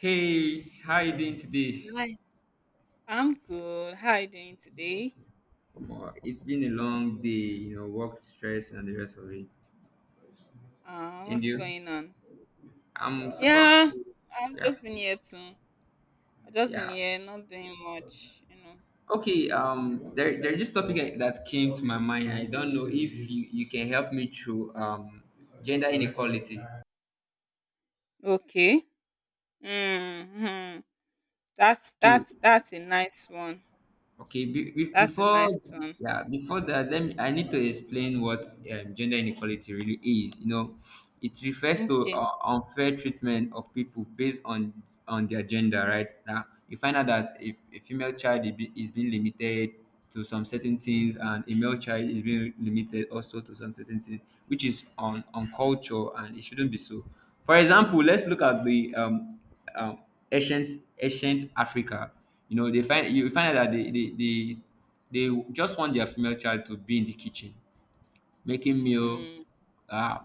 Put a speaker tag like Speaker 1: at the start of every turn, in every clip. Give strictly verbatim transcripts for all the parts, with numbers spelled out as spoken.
Speaker 1: Hey, how you doing today?
Speaker 2: Hi, I'm good. How are you doing today?
Speaker 1: Well, it's been a long day, you know, work stress and the rest of it.
Speaker 2: Uh,
Speaker 1: And
Speaker 2: what's
Speaker 1: you?
Speaker 2: going on?
Speaker 1: I'm super
Speaker 2: Yeah,
Speaker 1: cool.
Speaker 2: I've
Speaker 1: Yeah,
Speaker 2: just been here too. I've just been
Speaker 1: yeah.
Speaker 2: here, not doing much, you know.
Speaker 1: Okay. Um, there, there's this topic that came to my mind. I don't know if you, you can help me through um gender inequality.
Speaker 2: Okay. Mm-hmm. That's
Speaker 1: Okay.
Speaker 2: that's that's a nice one.
Speaker 1: Okay, be, be,
Speaker 2: That's a
Speaker 1: before
Speaker 2: nice one.
Speaker 1: yeah, before that, let me. I need to explain what um, gender inequality really is. You know, it refers to
Speaker 2: Okay.
Speaker 1: uh, unfair treatment of people based on on their gender. Right now, you find out that if a female child is be- is being limited to some certain things, and a male child is being limited also to some certain things, which is on on culture, and it shouldn't be so. For example, let's look at the um, um ancient ancient Africa. You know, they find you find out that they, they they they just want their female child to be in the kitchen, making meal,
Speaker 2: Mm,
Speaker 1: uh,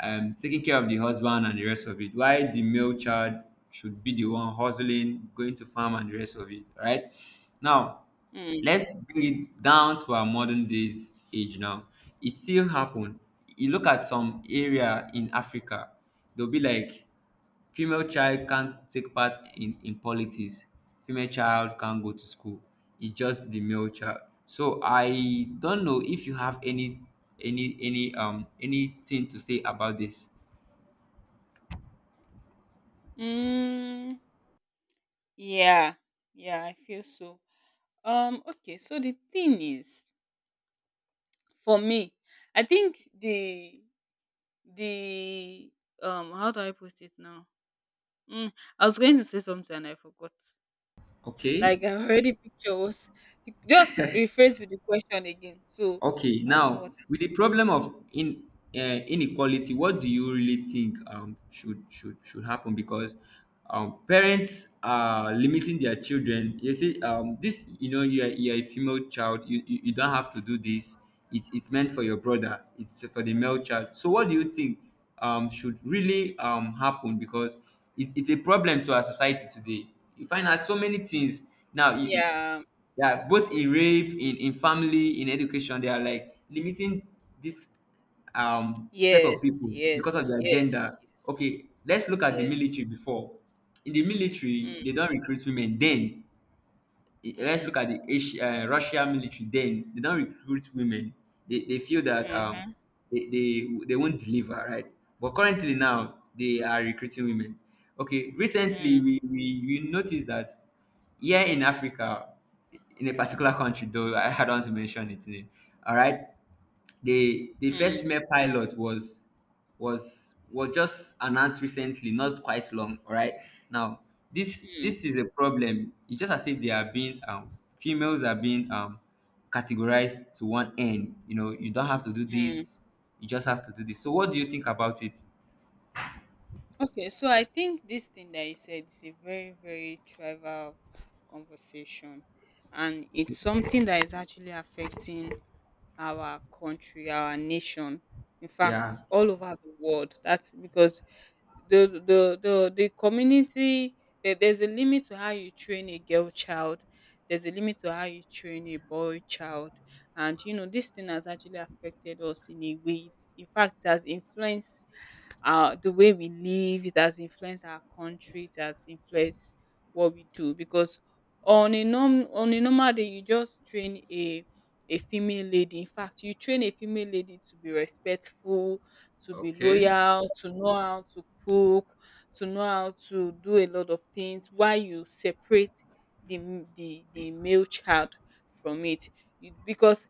Speaker 1: um, taking care of the husband and the rest of it. Why the male child should be the one hustling, going to farm and the rest of it, right? Now,
Speaker 2: mm,
Speaker 1: let's bring it down to our modern days age now. It still happen. You look at some area in Africa, they'll be like female child can't take part in in politics, female child can't go to school, its just the male child, so I don't know if you have any any any um anything to say about this.
Speaker 2: mm. Yeah. Yeah, I feel so. Um, okay, so the thing is, for me, I think the the um how do I put it now? Mm, I was going to say something and I forgot.
Speaker 1: Okay.
Speaker 2: Like I already picture what. Just rephrase with the question again, so
Speaker 1: Okay,
Speaker 2: I'll know what.
Speaker 1: now with the problem of in uh, inequality, what do you really think um, should should should happen? Because um, parents are limiting their children. You see, um, this you know you are, you are a female child. You, you you don't have to do this. It, it's meant for your brother. It's for the male child. So what do you think um, should really um, happen? Because it, it's a problem to our society today. You find out so many things now. You, you-
Speaker 2: Yeah.
Speaker 1: yeah, both in rape, in in family, in education, they are like limiting this um set of
Speaker 2: Yes.
Speaker 1: people because of
Speaker 2: Yes.
Speaker 1: their
Speaker 2: Yes.
Speaker 1: gender.
Speaker 2: Yes.
Speaker 1: Okay, let's look at the
Speaker 2: Yes. Yes.
Speaker 1: military before. In the military
Speaker 2: Mm,
Speaker 1: they don't recruit women then. I- let's
Speaker 2: mm,
Speaker 1: look at the Asia, uh, Russia military. Then they don't recruit women. They, they feel that um
Speaker 2: mm-hmm,
Speaker 1: they, they they won't deliver right. But currently now they are recruiting women. Okay, recently
Speaker 2: mm,
Speaker 1: we we, we noticed that here in Africa, in a particular country though I, I don't want to mention its name. All right, the the first
Speaker 2: mm,
Speaker 1: female pilot was was was just announced recently, not quite long. All right, now this
Speaker 2: mm,
Speaker 1: this is a problem. It's just as if they are being um, females are being um, categorized to one end. You know, you don't have to do
Speaker 2: mm.
Speaker 1: this. You just have to do this. So, what do you think about it?
Speaker 2: Okay, so I think this thing that you said is a very, very trivial conversation, and it's something that is actually affecting our country, our nation, in
Speaker 1: Yeah.
Speaker 2: fact all over the world. That's because the the the the community, there, there's a limit to how you train a girl child. There's a limit to how you train a boy child. And you know this thing has actually affected us in a way. It's- in fact it has influenced uh the way we live. It has influenced our country. It has influenced what we do because on a norm on a normal day you just train a a female lady. In fact you train a female lady to be respectful, to be
Speaker 1: Okay.
Speaker 2: loyal, to know how to cook, to know how to do a lot of things, while you separate the m- the the male child from it. You- Because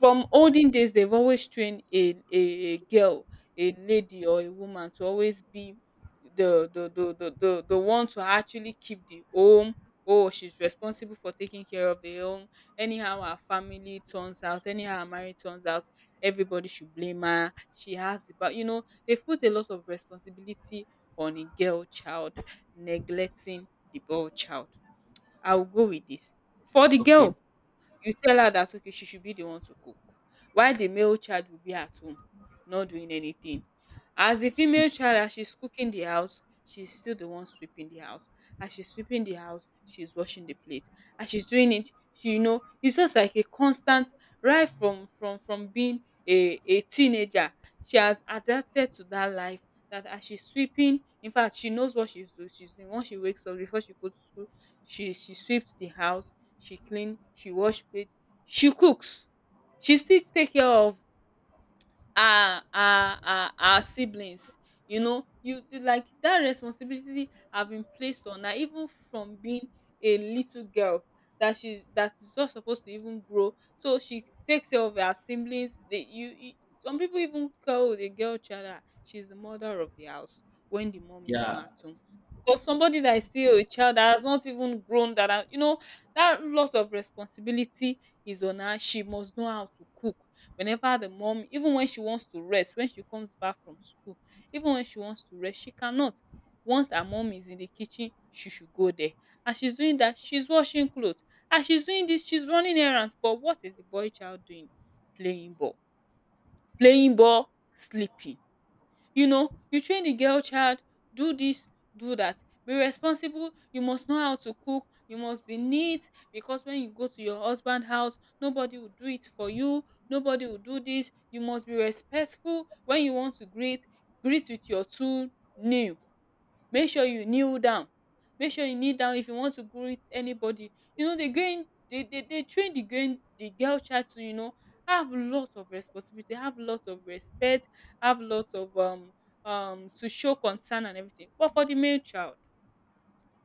Speaker 2: from olden days they've always trained a, a a girl, a lady or a woman to always be the the the the the, the one to actually keep the home. Oh, she's responsible for taking care of the home. Anyhow, her family turns out. Anyhow, her marriage turns out, everybody should blame her. She has the power. You know, they've put a lot of responsibility on a girl child, neglecting the boy child. I'll go with this. For the
Speaker 1: Okay.
Speaker 2: girl, you tell her that okay, she should be the one to cook, while the male child will be at home not doing anything. As the female child, as she's cooking the house, she's still the one sweeping the house. As she's sweeping the house, she's washing the plate. As she's doing it, she you know, it's just like a constant right from from from being a a teenager. She has adapted to that life that as she's sweeping, in fact, she knows what she's doing. She's the one, she wakes up before she goes to school. She she sweeps the house, she clean, she wash plate, she cooks. She still take care of our our our our siblings. You know you you like that responsibility have been placed on her even from being a little girl, that she that is not supposed to even grow, so she takes care of her siblings. They you, you Some people even call the girl child, ah she's the mother of the house when the mom is
Speaker 1: Yeah.
Speaker 2: not at home. For somebody that is still a child that has not even grown, that are- you know that lot of responsibility is on her. She must know how to cook. Whenever the mom, even when she wants to rest, when she comes back from school, even when she wants to rest, she cannot. Once her mom is in the kitchen, she should go there. As she's doing that, she's washing clothes. As she's doing this, she's running errands. But what is the boy child doing? Playing ball, playing ball, sleeping. You know, you train the girl child, do this, do that. Be responsible. You must know how to cook. You must be neat because when you go to your husband house, nobody will do it for you. Nobody will do this. You must be respectful when you want to greet. Greet with your two nail. Make sure you kneel down. Make sure you kneel down if you want to greet anybody. You know dey going, dey dey dey train the going the girl child to you know have lot of responsibility, have lot of respect, have lot of um um to show concern and everything. But for the male child,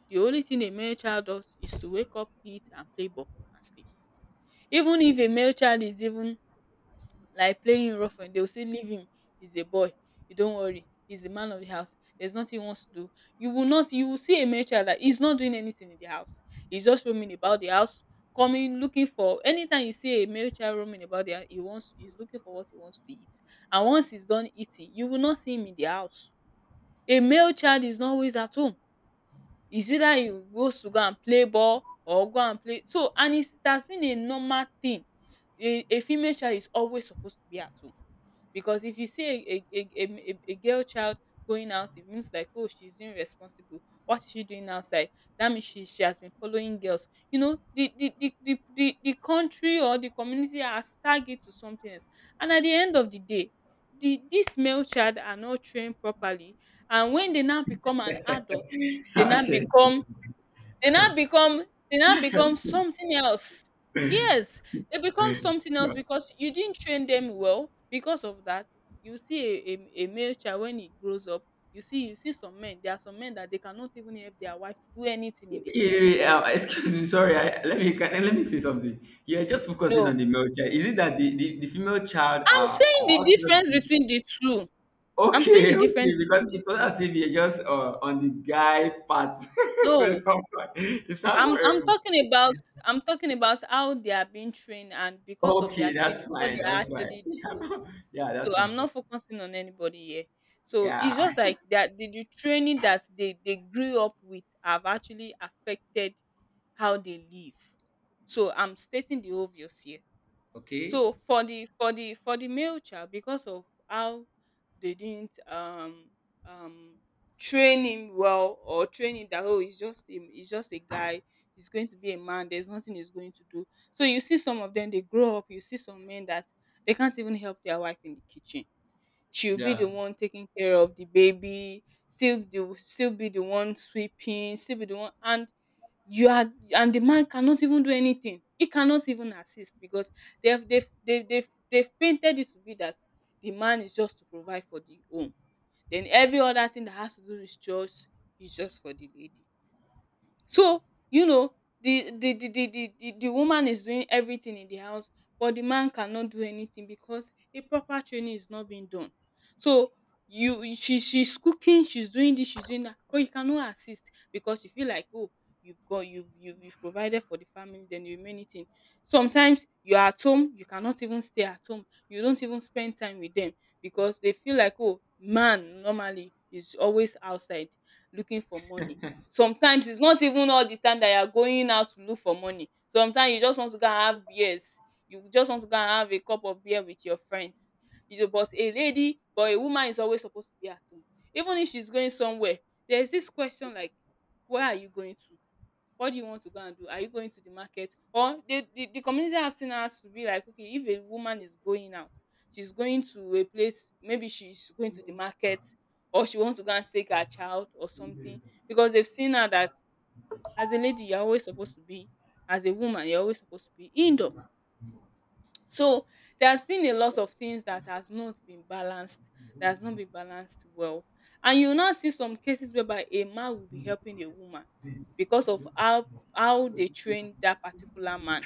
Speaker 2: the only thing a male child does is to wake up, eat and play ball and sleep. Even if a male child is even like playing rough, and they'll say leave him, he's a boy, you don't worry, he's the man of the house, there's nothing he wants to do. You will not You will see a male child that he's not doing anything in the house. He's just roaming about the house, coming looking for, anytime you see a male child roaming about there, he wants he's looking for what he wants to eat. And once he's done eating, you will not see him in the house. A male child is not always at home. Is either he goes to go and play ball or go and play. So, and it's it has been a normal thing. A a female child is always supposed to be at home, because if you see a a a a a a girl child going out, it means like, oh, she's irresponsible. What is she doing outside? That means she she has been following girls. you know the the the the the, the country or the community has tagged it to something else. And at the end of the day, the this male child are not trained properly. And when they now become an adult, they now
Speaker 1: Okay.
Speaker 2: become they now become they now become something else. Yes, they become something else because you didn't train them well. Because of that, you see a, a, a male child when he grows up, you see you see some men. There are some men that they cannot even help their wife to do anything in the kitchen.
Speaker 1: Eh, um, excuse me, sorry. I, let me can, let me say something. You're just focusing
Speaker 2: No,
Speaker 1: on the male child. Is it that the, the, the female child
Speaker 2: I'm
Speaker 1: are, are
Speaker 2: saying the
Speaker 1: also not
Speaker 2: difference
Speaker 1: the-
Speaker 2: between the two. I'm saying the
Speaker 1: okay, okay?
Speaker 2: difference
Speaker 1: Because
Speaker 2: between
Speaker 1: it was
Speaker 2: the two.
Speaker 1: as if you're just uh, on the guy part. So
Speaker 2: No,
Speaker 1: it's not fine. It's not
Speaker 2: I'm I'm
Speaker 1: horrible.
Speaker 2: talking about I'm talking about how they are being trained, and because of their
Speaker 1: Okay, that's
Speaker 2: training, what
Speaker 1: fine.
Speaker 2: they
Speaker 1: That's fine.
Speaker 2: actually do.
Speaker 1: Yeah,
Speaker 2: So
Speaker 1: that's fine.
Speaker 2: I'm not
Speaker 1: That's fine.
Speaker 2: focusing on anybody here. So
Speaker 1: Yeah.
Speaker 2: it's just like that the, the training that they, they grew up with have actually affected how they live. So I'm stating the obvious here.
Speaker 1: Okay.
Speaker 2: So for the for the for the male child, because of how they didn't um um train him well, or train him that, oh, he's just a, he's just a guy, he's going to be a man, there's nothing he's going to do. So you see some of them, they grow up. You see some men that they can't even help their wife in the kitchen. She'll be the
Speaker 1: Yeah.
Speaker 2: one taking care of the baby, still the still be the one sweeping, still be the one, and you are, and the man cannot even do anything. He cannot even assist because they've they've they've they've, they've painted it to be that the man is just to provide for the home. Then every other thing that has to do with chores is just for the lady. So, you know, the the the the the the the woman is doing everything in the house, but the man cannot do anything because a proper training is not being done. So you you- she she's cooking, she's doing this, she's doing that, but you cannot assist because you feel like, oh, you've got you've you've, you've provided for the family, then the remaining thing. Sometimes you are at home, you cannot even stay at home. You don't even spend time with them because they feel like, oh, man normally is always outside looking for money. Sometimes it's not even all the time that you are going out to look for money. Sometimes you just want to go and have beers, you just want to go and have a cup of beer with your friends. You know but a lady but a woman is always supposed to be at home. Even if she's going somewhere, there's this question like, where are you going to, what do you want to go and do, are you going to the market? Or the the, the community have seen us to be like, okay, if a woman is going out, she's going to a place, maybe she's going to the market, or she wants to go and take her child or something, because they've seen her that, as a lady you're always supposed to be, as a woman you're always supposed to be indoor. So there's been a lot of things that has not been balanced, that has not been balanced well. And you now see some cases whereby a man will be helping a woman, because of how how they train that particular man.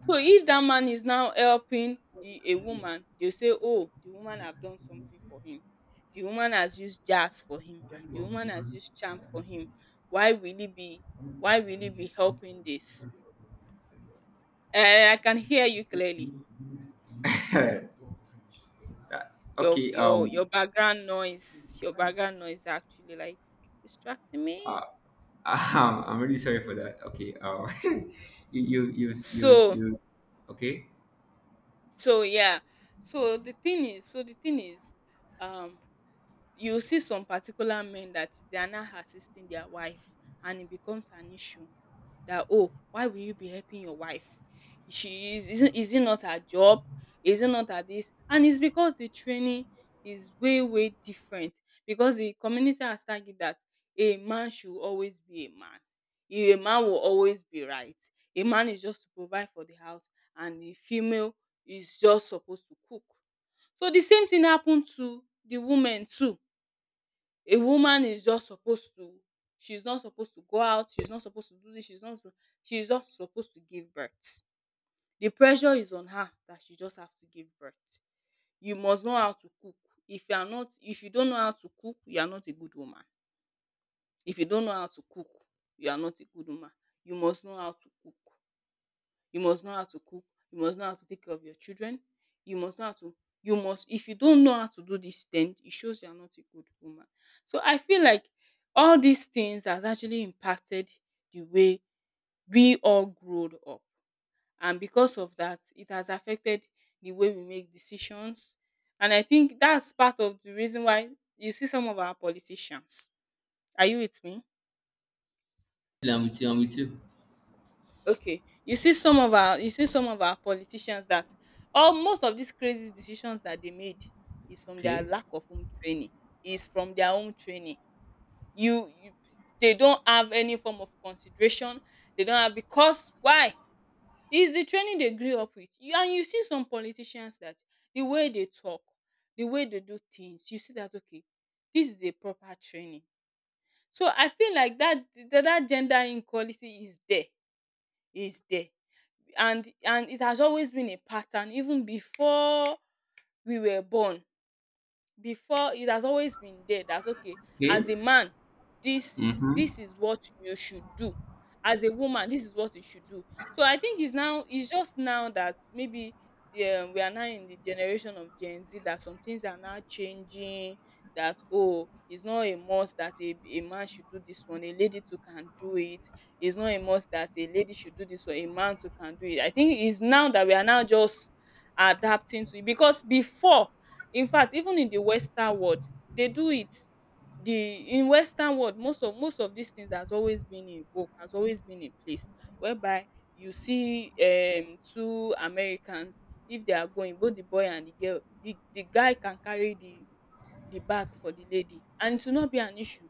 Speaker 2: So if that man is now helping the a woman, they say, oh, the woman have done something for him. The woman has used jazz for him. The woman has used charm for him. Why will he be why will he be helping this? Eh, I can hear you clearly. Your
Speaker 1: Okay.
Speaker 2: your
Speaker 1: Um.
Speaker 2: your background noise, your background noise actually like distracting me.
Speaker 1: Uh, I'm really sorry for that. Okay. Um. you you you you
Speaker 2: So
Speaker 1: you. Okay.
Speaker 2: so yeah. So the thing is, so the thing is, um, you see some particular men that they are not assisting their wife, and it becomes an issue. That, oh, why will you be helping your wife? She is is it is it not her job? Is it not her this? And it's because the training is way way different, because the community has target that a man should always be a man, a man will always be right, a man is just to provide for the house, and the female is just supposed to cook. So the same thing happened to the women too. A woman is just supposed to— she's not supposed to go out, she's not supposed to do this, she's not sup- she's just supposed to give birth. The pressure is on her that she just have to give birth. You must know how to cook. If you are not if you don't know how to cook, you are not a good woman. If you don't know how to cook, you are not a good woman. You must know how to cook you must know how to cook, you must know how to take care of your children, you must know how to you must— if you don't know how to do this, then it shows you are not a good woman. So I feel like all these things has actually impacted the way we all growed up, and because of that it has affected the way we make decisions, and I think that's part of the reason why you see some of our politicians. Are you with me?
Speaker 1: Yeah, I'm with you. I'm with you.
Speaker 2: Okay. You see some of our you see some of our politicians, that all most of these crazy decisions that they made is from their
Speaker 1: Okay.
Speaker 2: lack of home training, is from their own training. You, you They don't have any form of consideration. They don't have, because why? It's the training they grew up with. You, and you see some politicians that the way they talk, the way they do things, you see that, okay, this is a proper training. So I feel like that that, that gender inequality is there. Is there, and and it has always been a pattern even before we were born. Before It has always been there that, okay,
Speaker 1: Okay.
Speaker 2: as a man this
Speaker 1: Mm-hmm.
Speaker 2: this is what you should do, as a woman this is what you should do. So I think it's now it's just now that maybe the um, we are now in the generation of Gen Z that some things are now changing, that, oh, it's not a must that a, a man should do this one, a lady too can do it. It's not a must that a lady should do this one, a man too can do it. I think it's now that we are now just adapting to it, because before— Infact even in the western world dey do it. The— in western world, most of most of dis things has always been in vogue, has always been in place, whereby you see um two Americans, if they are going, both the boy and the girl, the the guy can carry the the bag for the lady and it will not be an issue,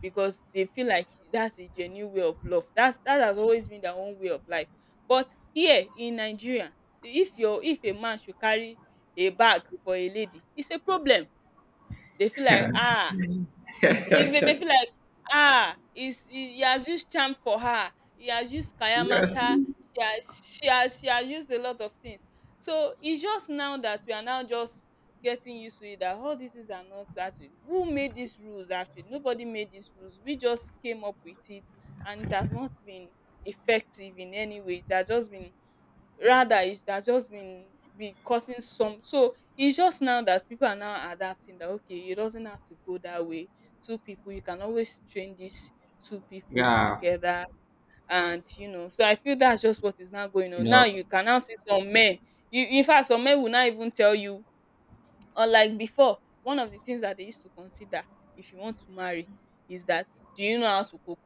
Speaker 2: because they feel like that's a genuine way of love. That's— that has always been their own way of life. But here in Nigeria, if your if a man should carry a bag for a lady, it's a problem. They feel like, ah. They they they
Speaker 1: Yeah.
Speaker 2: feel like, "Ah, he's he he has used charm for her. He has used kayamata.
Speaker 1: Seriously.
Speaker 2: She has she has she has used a lot of things." So it's just now that we are now just getting used to it, that all these things are not actually— who made these rules actually? Nobody made these rules. We just came up with it, and it has not been effective in any way. It has just been— rather, it has just been be causing some. So it's just now that people are now adapting, that, okay, it doesn't have to go that way. Two people— you can always train these two people
Speaker 1: Yeah.
Speaker 2: together, and, you know, so I feel that's just what is now going
Speaker 1: You
Speaker 2: on. Now
Speaker 1: know.
Speaker 2: you can now see some men— you, in fact, some men will not even tell you. Unlike before, one of the things that they used to consider if you want to marry is that, do you know how to cook?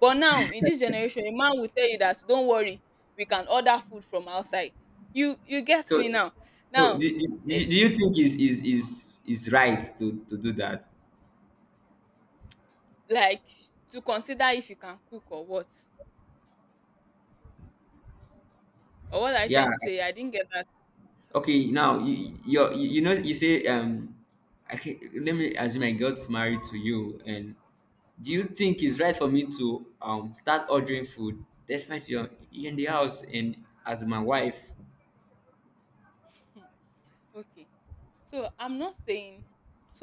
Speaker 2: But now in this generation, a man will tell you that, don't worry, we can order food from outside. You you get
Speaker 1: So,
Speaker 2: me now.
Speaker 1: so do,
Speaker 2: Now,
Speaker 1: do,
Speaker 2: eh,
Speaker 1: do do you think is is is is right to to do that?
Speaker 2: like, to consider if you can cook or what. Or what are you
Speaker 1: Yeah.
Speaker 2: trying to say? I didn't get that.
Speaker 1: Okay. Now you you you know you say um, I can, let me assume I got married to you, and do you think it's right for me to um start ordering food despite you're in the house and as my wife?
Speaker 2: Hmm, okay. So I'm not saying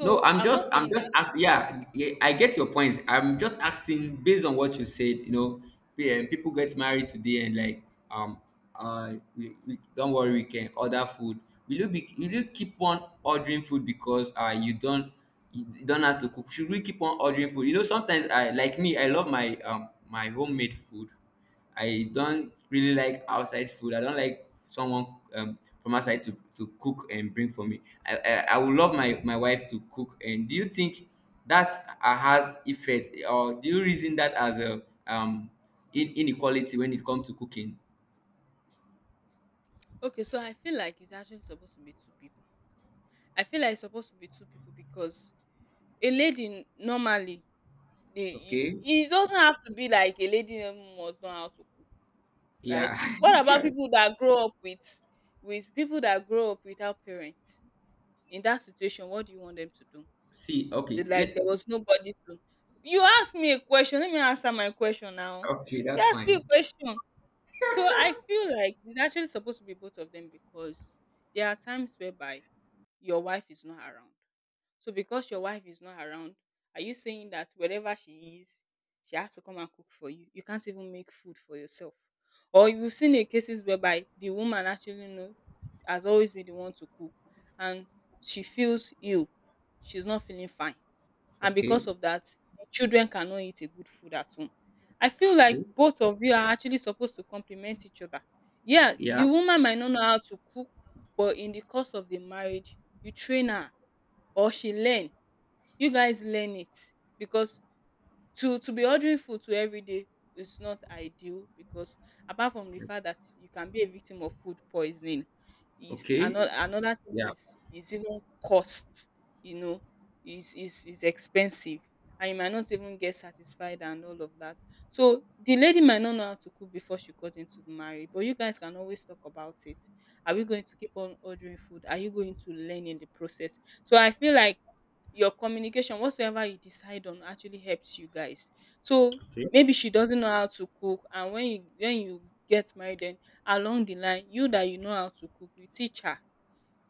Speaker 1: No, I'm
Speaker 2: I'm not
Speaker 1: just, I'm
Speaker 2: saying
Speaker 1: just,
Speaker 2: that—
Speaker 1: ask, yeah, yeah, I get your point. I'm just asking based on what you said. You know, yeah, people get married today and like, um, uh, we, we, don't worry, we can order food. Will you be, will you keep on ordering food because uh you don't, you don't have to cook? Should we keep on ordering food? You know, sometimes I like me, I love my um my homemade food. I don't really like outside food. I don't like someone um, from outside to, to cook and bring for me. I, I, I would love my, my wife to cook. And do you think that uh, has effects or do you reason that as a um, in, inequality when it comes to cooking?
Speaker 2: okay, so I feel like it's actually supposed to be two people. I feel like it's supposed to be two people, because a lady normally dey e—
Speaker 1: Okay.
Speaker 2: it doesn't have to be like a lady must know how to cook, right?
Speaker 1: Yeah.
Speaker 2: What about people that grow up with— with people that grow up without parents? In that situation, what do you want them to do?
Speaker 1: See,
Speaker 2: They—
Speaker 1: okay.
Speaker 2: like, there
Speaker 1: Let,
Speaker 2: was nobody to— you ask me a question, let me answer my question now.
Speaker 1: okay,
Speaker 2: You
Speaker 1: that's
Speaker 2: ask me a
Speaker 1: fine.
Speaker 2: question. So I feel like it's actually supposed to be both of them, because there are times whereby your wife is not around. So because your wife is not around, are you saying that wherever she is, she has to come and cook for you? You can't even make food for yourself. Or you've seen in cases whereby the woman actually know— has always been the one to cook, and she feels ill. She's not feeling fine. And
Speaker 1: Okay.
Speaker 2: because of that, the children cannot eat a good food at home. I feel like
Speaker 1: Okay.
Speaker 2: both of you are actually supposed to complement each other. Yeah,
Speaker 1: Yeah.
Speaker 2: the woman might not know how to cook, but in the course of the marriage, you train her, or she learn— you guys learn it, because to to be ordering food to every day is not ideal, because, apart from the fact that you can be a victim of food poisoning, is
Speaker 1: Okay.
Speaker 2: another another thing
Speaker 1: Yeah.
Speaker 2: is— is even cost, you know, is is is expensive, and you might not even get satisfied and all of that. So the lady might not know how to cook before she got into the marriage, but you guys can always talk about it. Are we going to keep on ordering food? Are you going to learn in the process? So I feel like your communication, whatsoever you decide on, actually helps you guys. So maybe she doesn't know how to cook, and when you when you get married, then along the line, you that you know how to cook, you teach her.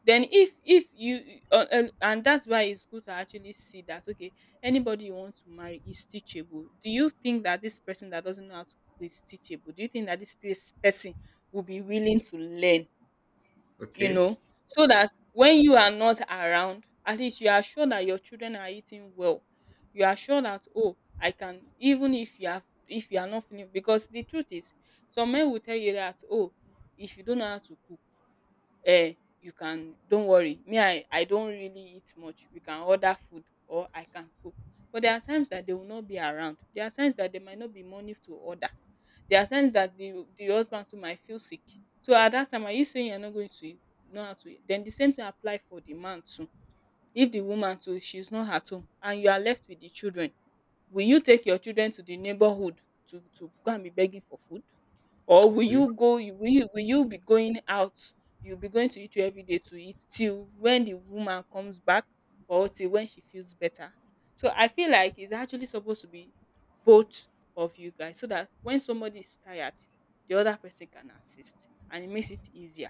Speaker 2: Then if if you uh, uh, and that's why it's good to actually see that, okay, anybody you want to marry is teachable. Do you think that this person that doesn't know how to cook is teachable? Do you think that this pers- person will be willing to learn? You
Speaker 1: Okay.
Speaker 2: know, so that when you are not around, at least you are sure that your children are eating well. You are sure that, oh, I can— even if you have— if you are not feeling— because the truth is, some men will tell you that, oh, if you don't know how to cook, eh, you can— don't worry me, I I don't really eat much, you can order food, or I can cook. But there are times that they will not be around. There are times that there might not be money to order. There are times that the the husband too might feel sick. So at that time, are you saying you're not going to know how to eat? Then the same thing apply for the man too. If the woman too she's not at home, and you are left with the children, will you take your children to the neighborhood to to go and be begging for food? Or will
Speaker 1: Okay.
Speaker 2: you go you will you will you be going out, you'll be going to eat every day to eat till when the woman comes back, or till when she feels better? So I feel like it's actually supposed to be both of you guys, so that when somebody is tired, the other person can assist and it makes it easier.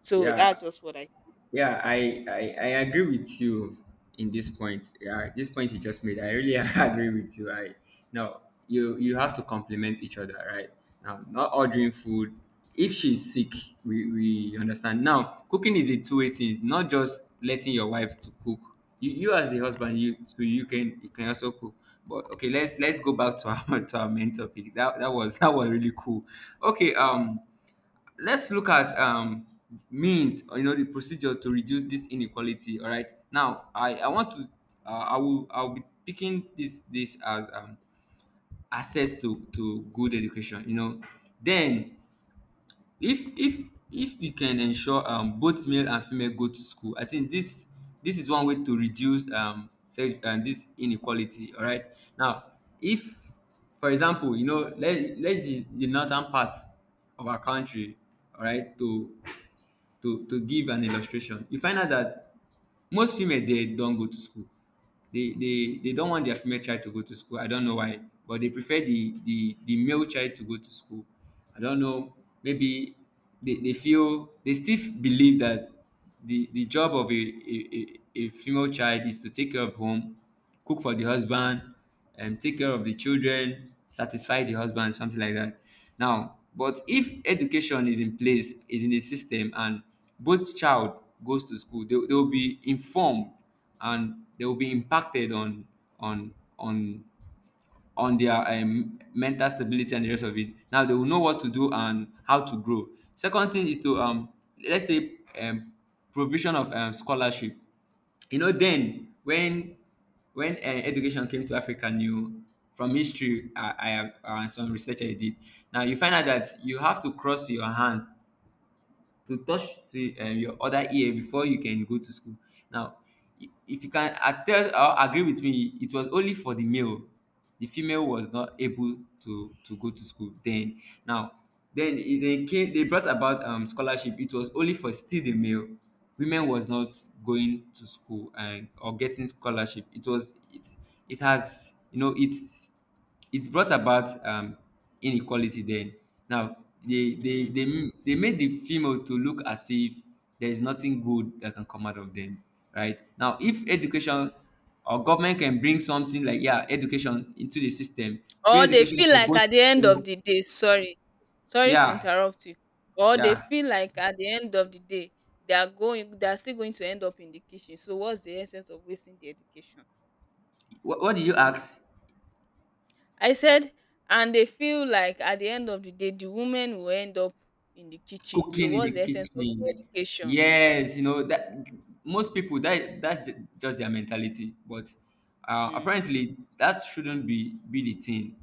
Speaker 2: So that's
Speaker 1: Yeah.
Speaker 2: just what I—
Speaker 1: Yeah, I, I I agree with you in this point. Yeah, this point you just made, I really agree with you. I no, you you have to complement each other, right? Now, not ordering food. If she's sick, we we understand. Now, cooking is a two-way thing. Not just letting your wife to cook. You you as the husband, you so you can you can also cook. But okay, let's let's go back to our to our main topic. That that was that was really cool. Okay, um let's look at um, means or you know the procedure to reduce this inequality. All right, now I I want to uh, i will I'll be picking this this as um, access to to good education, you know. Then if if if you can ensure um, both male and female go to school, I think this this is one way to reduce um, se- um this inequality. All right, now, if, for example, you know, let let's the, the northern part of our country, all right, to to to give an illustration, you find out that most female they don't go to school. They they they don't want their female child to go to school. I don't know why. But they prefer the the the male child to go to school. I don't know. Maybe they, they feel, they still believe that the the job of a, a, a a female child is to take care of home, cook for the husband, and take care of the children, satisfy the husband, something like that. Now, but if education is in place, is in the system, and both child goes to school, they, they will be informed and they will be impacted on on on on their um, mental stability and the rest of it. Now they will know what to do and how to grow. Second thing is to um, let's say um, provision of um, scholarship. You know, then when when uh, education came to Africa, new from history, I, I have uh, some research I did. Now you find out that you have to cross your hand to touch to um, your other ear before you can go to school. Now, i- if you can attest or agree with me, it was only for the male. The female was not able to to go to school then. Now, then it- they came. They brought about um, scholarship. It was only for still the male. Women was not going to school and or getting scholarship. It was it it has you know it's it brought about um inequality then. Now they they
Speaker 2: mm.
Speaker 1: they, m- they made the female to look as if there is nothing good that can come out of them. Right now, if education or government can bring something like yeah education into the system, free
Speaker 2: Or they
Speaker 1: education
Speaker 2: feel
Speaker 1: for
Speaker 2: like
Speaker 1: both,
Speaker 2: at the
Speaker 1: you
Speaker 2: end of
Speaker 1: know,
Speaker 2: the day— sorry, sorry to
Speaker 1: yeah,
Speaker 2: interrupt you. Or they
Speaker 1: yeah.
Speaker 2: feel like at the end of the day they are going they are still going to end up in the kitchen. So what's the essence of wasting the education?
Speaker 1: what, what did you ask?
Speaker 2: I said and they feel like at the end of the day the women will end up in the kitchen. So
Speaker 1: Cooking in the
Speaker 2: what's the essence of the
Speaker 1: kitchen.
Speaker 2: education?
Speaker 1: Yes, you know that most people that that's ju- just their mentality. But uh,
Speaker 2: Mm,
Speaker 1: apparently, that shouldn't be be the thing.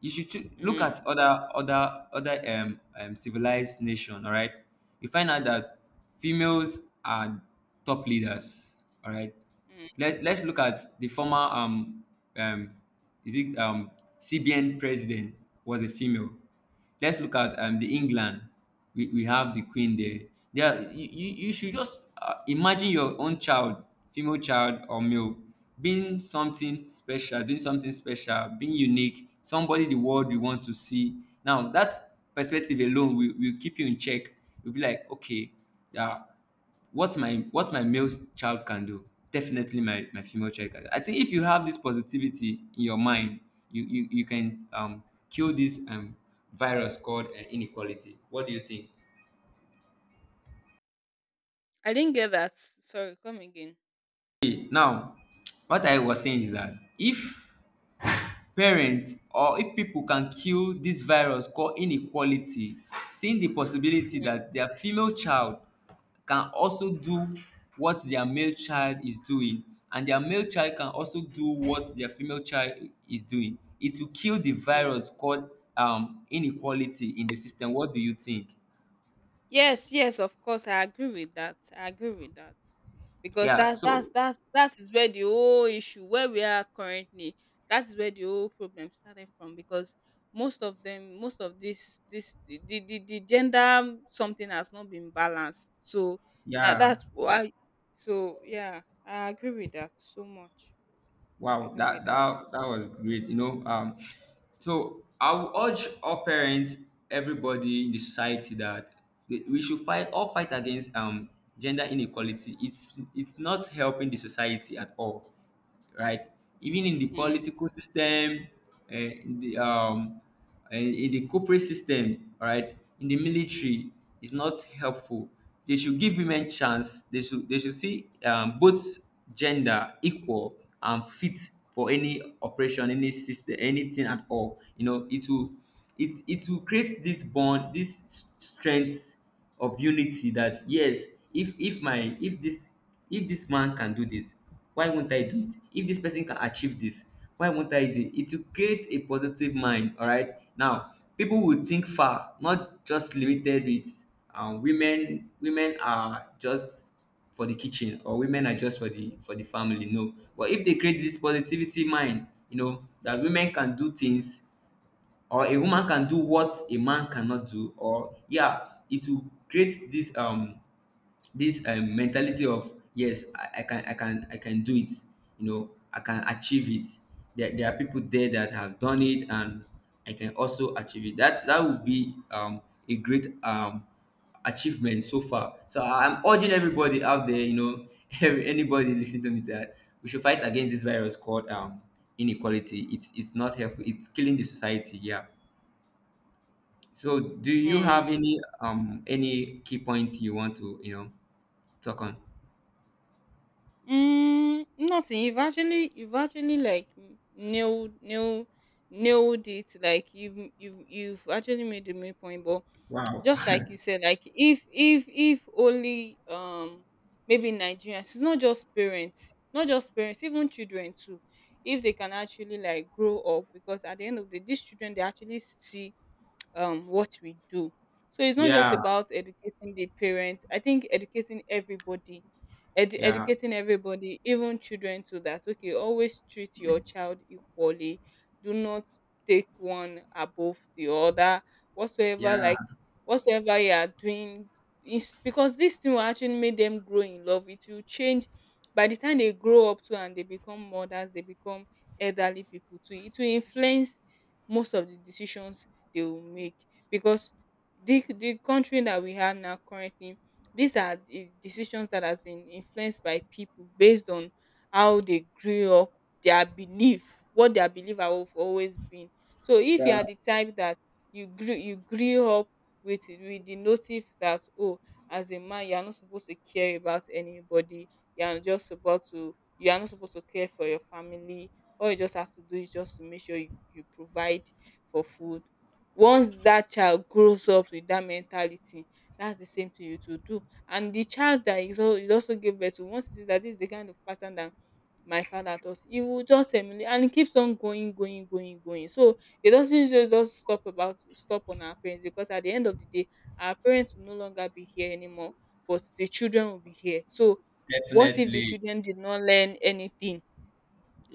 Speaker 1: You should choo- look
Speaker 2: mm,
Speaker 1: at other other other um, um civilized nation. All right, you find out that females are top leaders. All right,
Speaker 2: mm.
Speaker 1: let let's look at the former um um is it um C B N president was a female. Let's look at um, the England. We, we have the Queen there. There, you, you you should just uh, imagine your own child, female child or male, being something special, doing something special, being unique, somebody the world you want to see. Now that perspective alone will, will keep you in check. You'll be like, okay, yeah, what my what my male child can do, definitely my, my female child can do. I think if you have this positivity in your mind you you, you can um kill this um virus called uh, inequality. What do you think?
Speaker 2: I didn't get that. Sorry, come again.
Speaker 1: Okay, now what I was saying is that if parents or if pipo can kill dis virus called inequality, seeing di possibility
Speaker 2: Mm,
Speaker 1: dat dia female child can also do what dia male child is doing, and dia male child can also do what dia female child is doing, it will kill the
Speaker 2: mm.
Speaker 1: virus called um inequality in the system. What do you think?
Speaker 2: Yes, yes, of course, I agree with that. I agree with that because
Speaker 1: Yeah,
Speaker 2: that's that's
Speaker 1: so
Speaker 2: that's that is where the whole issue where we are currently. That is where the whole problem started from because most of them, most of this this the the, the gender something has not been balanced. So that
Speaker 1: yeah.
Speaker 2: that's why. So yeah, I agree with that so much. I
Speaker 1: Wow,
Speaker 2: agree with
Speaker 1: that
Speaker 2: that.
Speaker 1: that that was great. You know, um, so I will urge all parents, everybody in the society, that we we should fight all fight against um gender inequality. It's it's not helping the society at all, right? Even in the
Speaker 2: Mm,
Speaker 1: political system, uh, in the um, uh, in the corporate system, all right, in the military, is not helpful. They should give women chance. They should they should see, um, both gender equal and fit for any operation, any system, anything at all. You know, it will it it will create this bond, this s- strength of unity. That yes, if if my if this if this man can do this, why won't I do it? If this person can achieve this, why won't I do it? It will create a positive mind, all right? Now people will think far, not just limited with, um, women women are just for the kitchen, or women are just for the for the family. No. But if they create this positivity mind, you know, that women can do things, or a woman can do what a man cannot do, or yeah, it will create this um this um, mentality of yes, I, I can, i can i can do it, you know, I can achieve it. There, there are people there that have done it, and I can also achieve it. That that would be um, a great um, achievement so far. So I'm urging everybody out there, you know, every, anybody listening to me, that we should fight against this virus called um, inequality. It's it's not helpful. It's killing the society. Yeah. So do you
Speaker 2: mm.
Speaker 1: have any um any key points you want to, you know, talk on?
Speaker 2: Mm, nothing. You've actually you've actually like n- nailed nailed nailed it. Like you've you've you've actually made the main point. But
Speaker 1: Wow.
Speaker 2: just like you said, like if if if only um maybe Nigerians, it's not just parents, not just parents, even children too. If they can actually like grow up, because at the end of the day, these children they actually see um, what we do. So it's not just
Speaker 1: Yeah,
Speaker 2: about educating the parents. I think educating everybody, edu-
Speaker 1: yeah,
Speaker 2: educating everybody, even children, to that okay, always treat your child equally. Do not take one above the other. Whatsoever,
Speaker 1: yeah.
Speaker 2: like whatsoever you are doing, is because this thing will actually make them grow in love. It will change by the time they grow up too and they become mothers, they become elderly people too. It will influence most of the decisions they will make because the the country that we have now currently, these are the decisions that has been influenced by people based on how they grew up, their belief, what their belief have always been. So if you
Speaker 1: Yeah.
Speaker 2: are the type that you grew you grew up with with the motive that oh, as a man you are not supposed to care about anybody, you are just supposed to, you are not supposed to care for your family, all you just have to do is just to make sure you, you provide for food. Once that child grows up with that mentality, that's the same thing you to do, and the child that is al- is also give birth to, once he sees that this is the kind of pattern that my father does, he will just emulate, and it keeps on going going going going. So it doesn't just just stop about stop on our parents, because at the end of the day our parents will no longer be here anymore, but the children will be here. So what if the
Speaker 1: Definitely.
Speaker 2: children did not learn anything?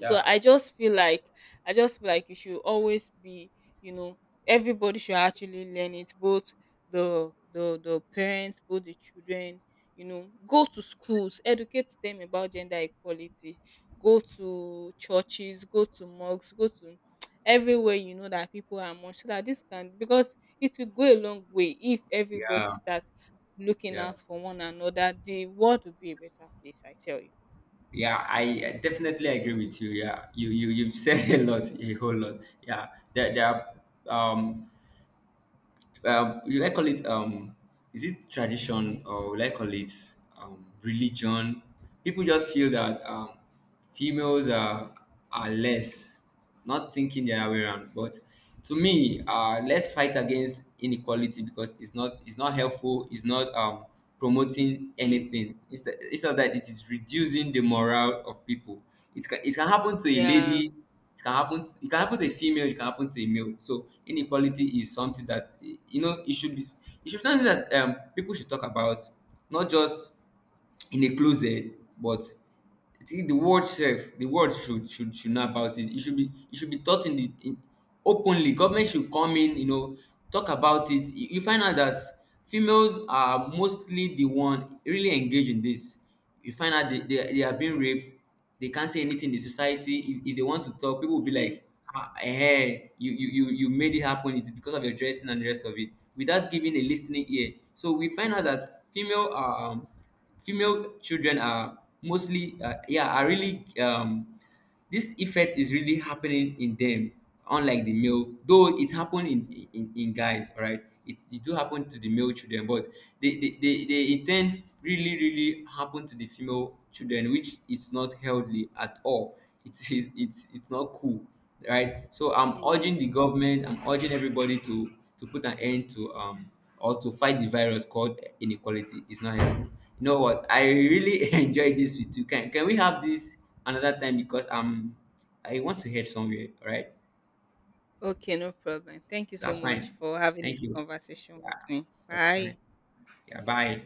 Speaker 2: So I just feel like I just feel like you should always be, you know, everybody should actually learn it, both the the the parents, both the children, you know, go to schools, educate them about gender equality, go to churches, go to mosques, go to everywhere you know that people are among, so that this can, because it will go a long way if
Speaker 1: Yeah,
Speaker 2: everybody start looking
Speaker 1: yeah,
Speaker 2: out for one another, the world will be a better place, I tell you.
Speaker 1: yeah. I, uh, definitely agree with you. Yeah, you you you've said a lot, a whole lot. Yeah, there there are, um um will like call it, um is it tradition, or will I call it, um religion? People just feel that,
Speaker 2: Mm,
Speaker 1: um females are are less, not thinking the other way around. But to me, uh let's fight against inequality, because it's not, it's not helpful, it's not um promoting
Speaker 2: mm,
Speaker 1: anything. Instead instead of that, it is reducing the morale of people. It can it can happen to a
Speaker 2: yeah.
Speaker 1: lady, it can happen. To, it can happen to a female. It can happen to a male. So inequality is something that, eh, you know, it should be. It should be something that um people should talk about, not just in a closet, but I think the world sef, the world should should should know about it. It should be it should be taught in the in openly. Government should come in, you know, talk about it. You, you find out that females are mostly the one really engaged in this. You find out they, they, they are being raped. They can't say anything in society. If, if they want to talk, people will be
Speaker 2: Mm.
Speaker 1: like, ah, hey, you, you, you, you made it happen. It's because of your dressing and the rest of it. Without giving a listening ear. So we find out that female are um, female children are mostly uh, yeah are really um this effect is really happening in them, unlike the male. Though it happen in in, in guys, all right, it, it do happen to the male children, but they they, they they in ten really really happen to the female children, which is not healthy at all. It is, it's it's not cool, right? So I'm
Speaker 2: Mm.
Speaker 1: urging the government, I'm urging everybody to to put an end to, um or to fight the virus called inequality. It's not healthy. You know what? I really enjoy this with you. Can can we have this another time, because I'm I want to head somewhere, all right?
Speaker 2: Okay, no problem. Thank you so
Speaker 1: That's
Speaker 2: much
Speaker 1: fine.
Speaker 2: for having this
Speaker 1: Thank you.
Speaker 2: conversation
Speaker 1: Yeah,
Speaker 2: with me.
Speaker 1: that's fine.
Speaker 2: Bye.
Speaker 1: Yeah, bye.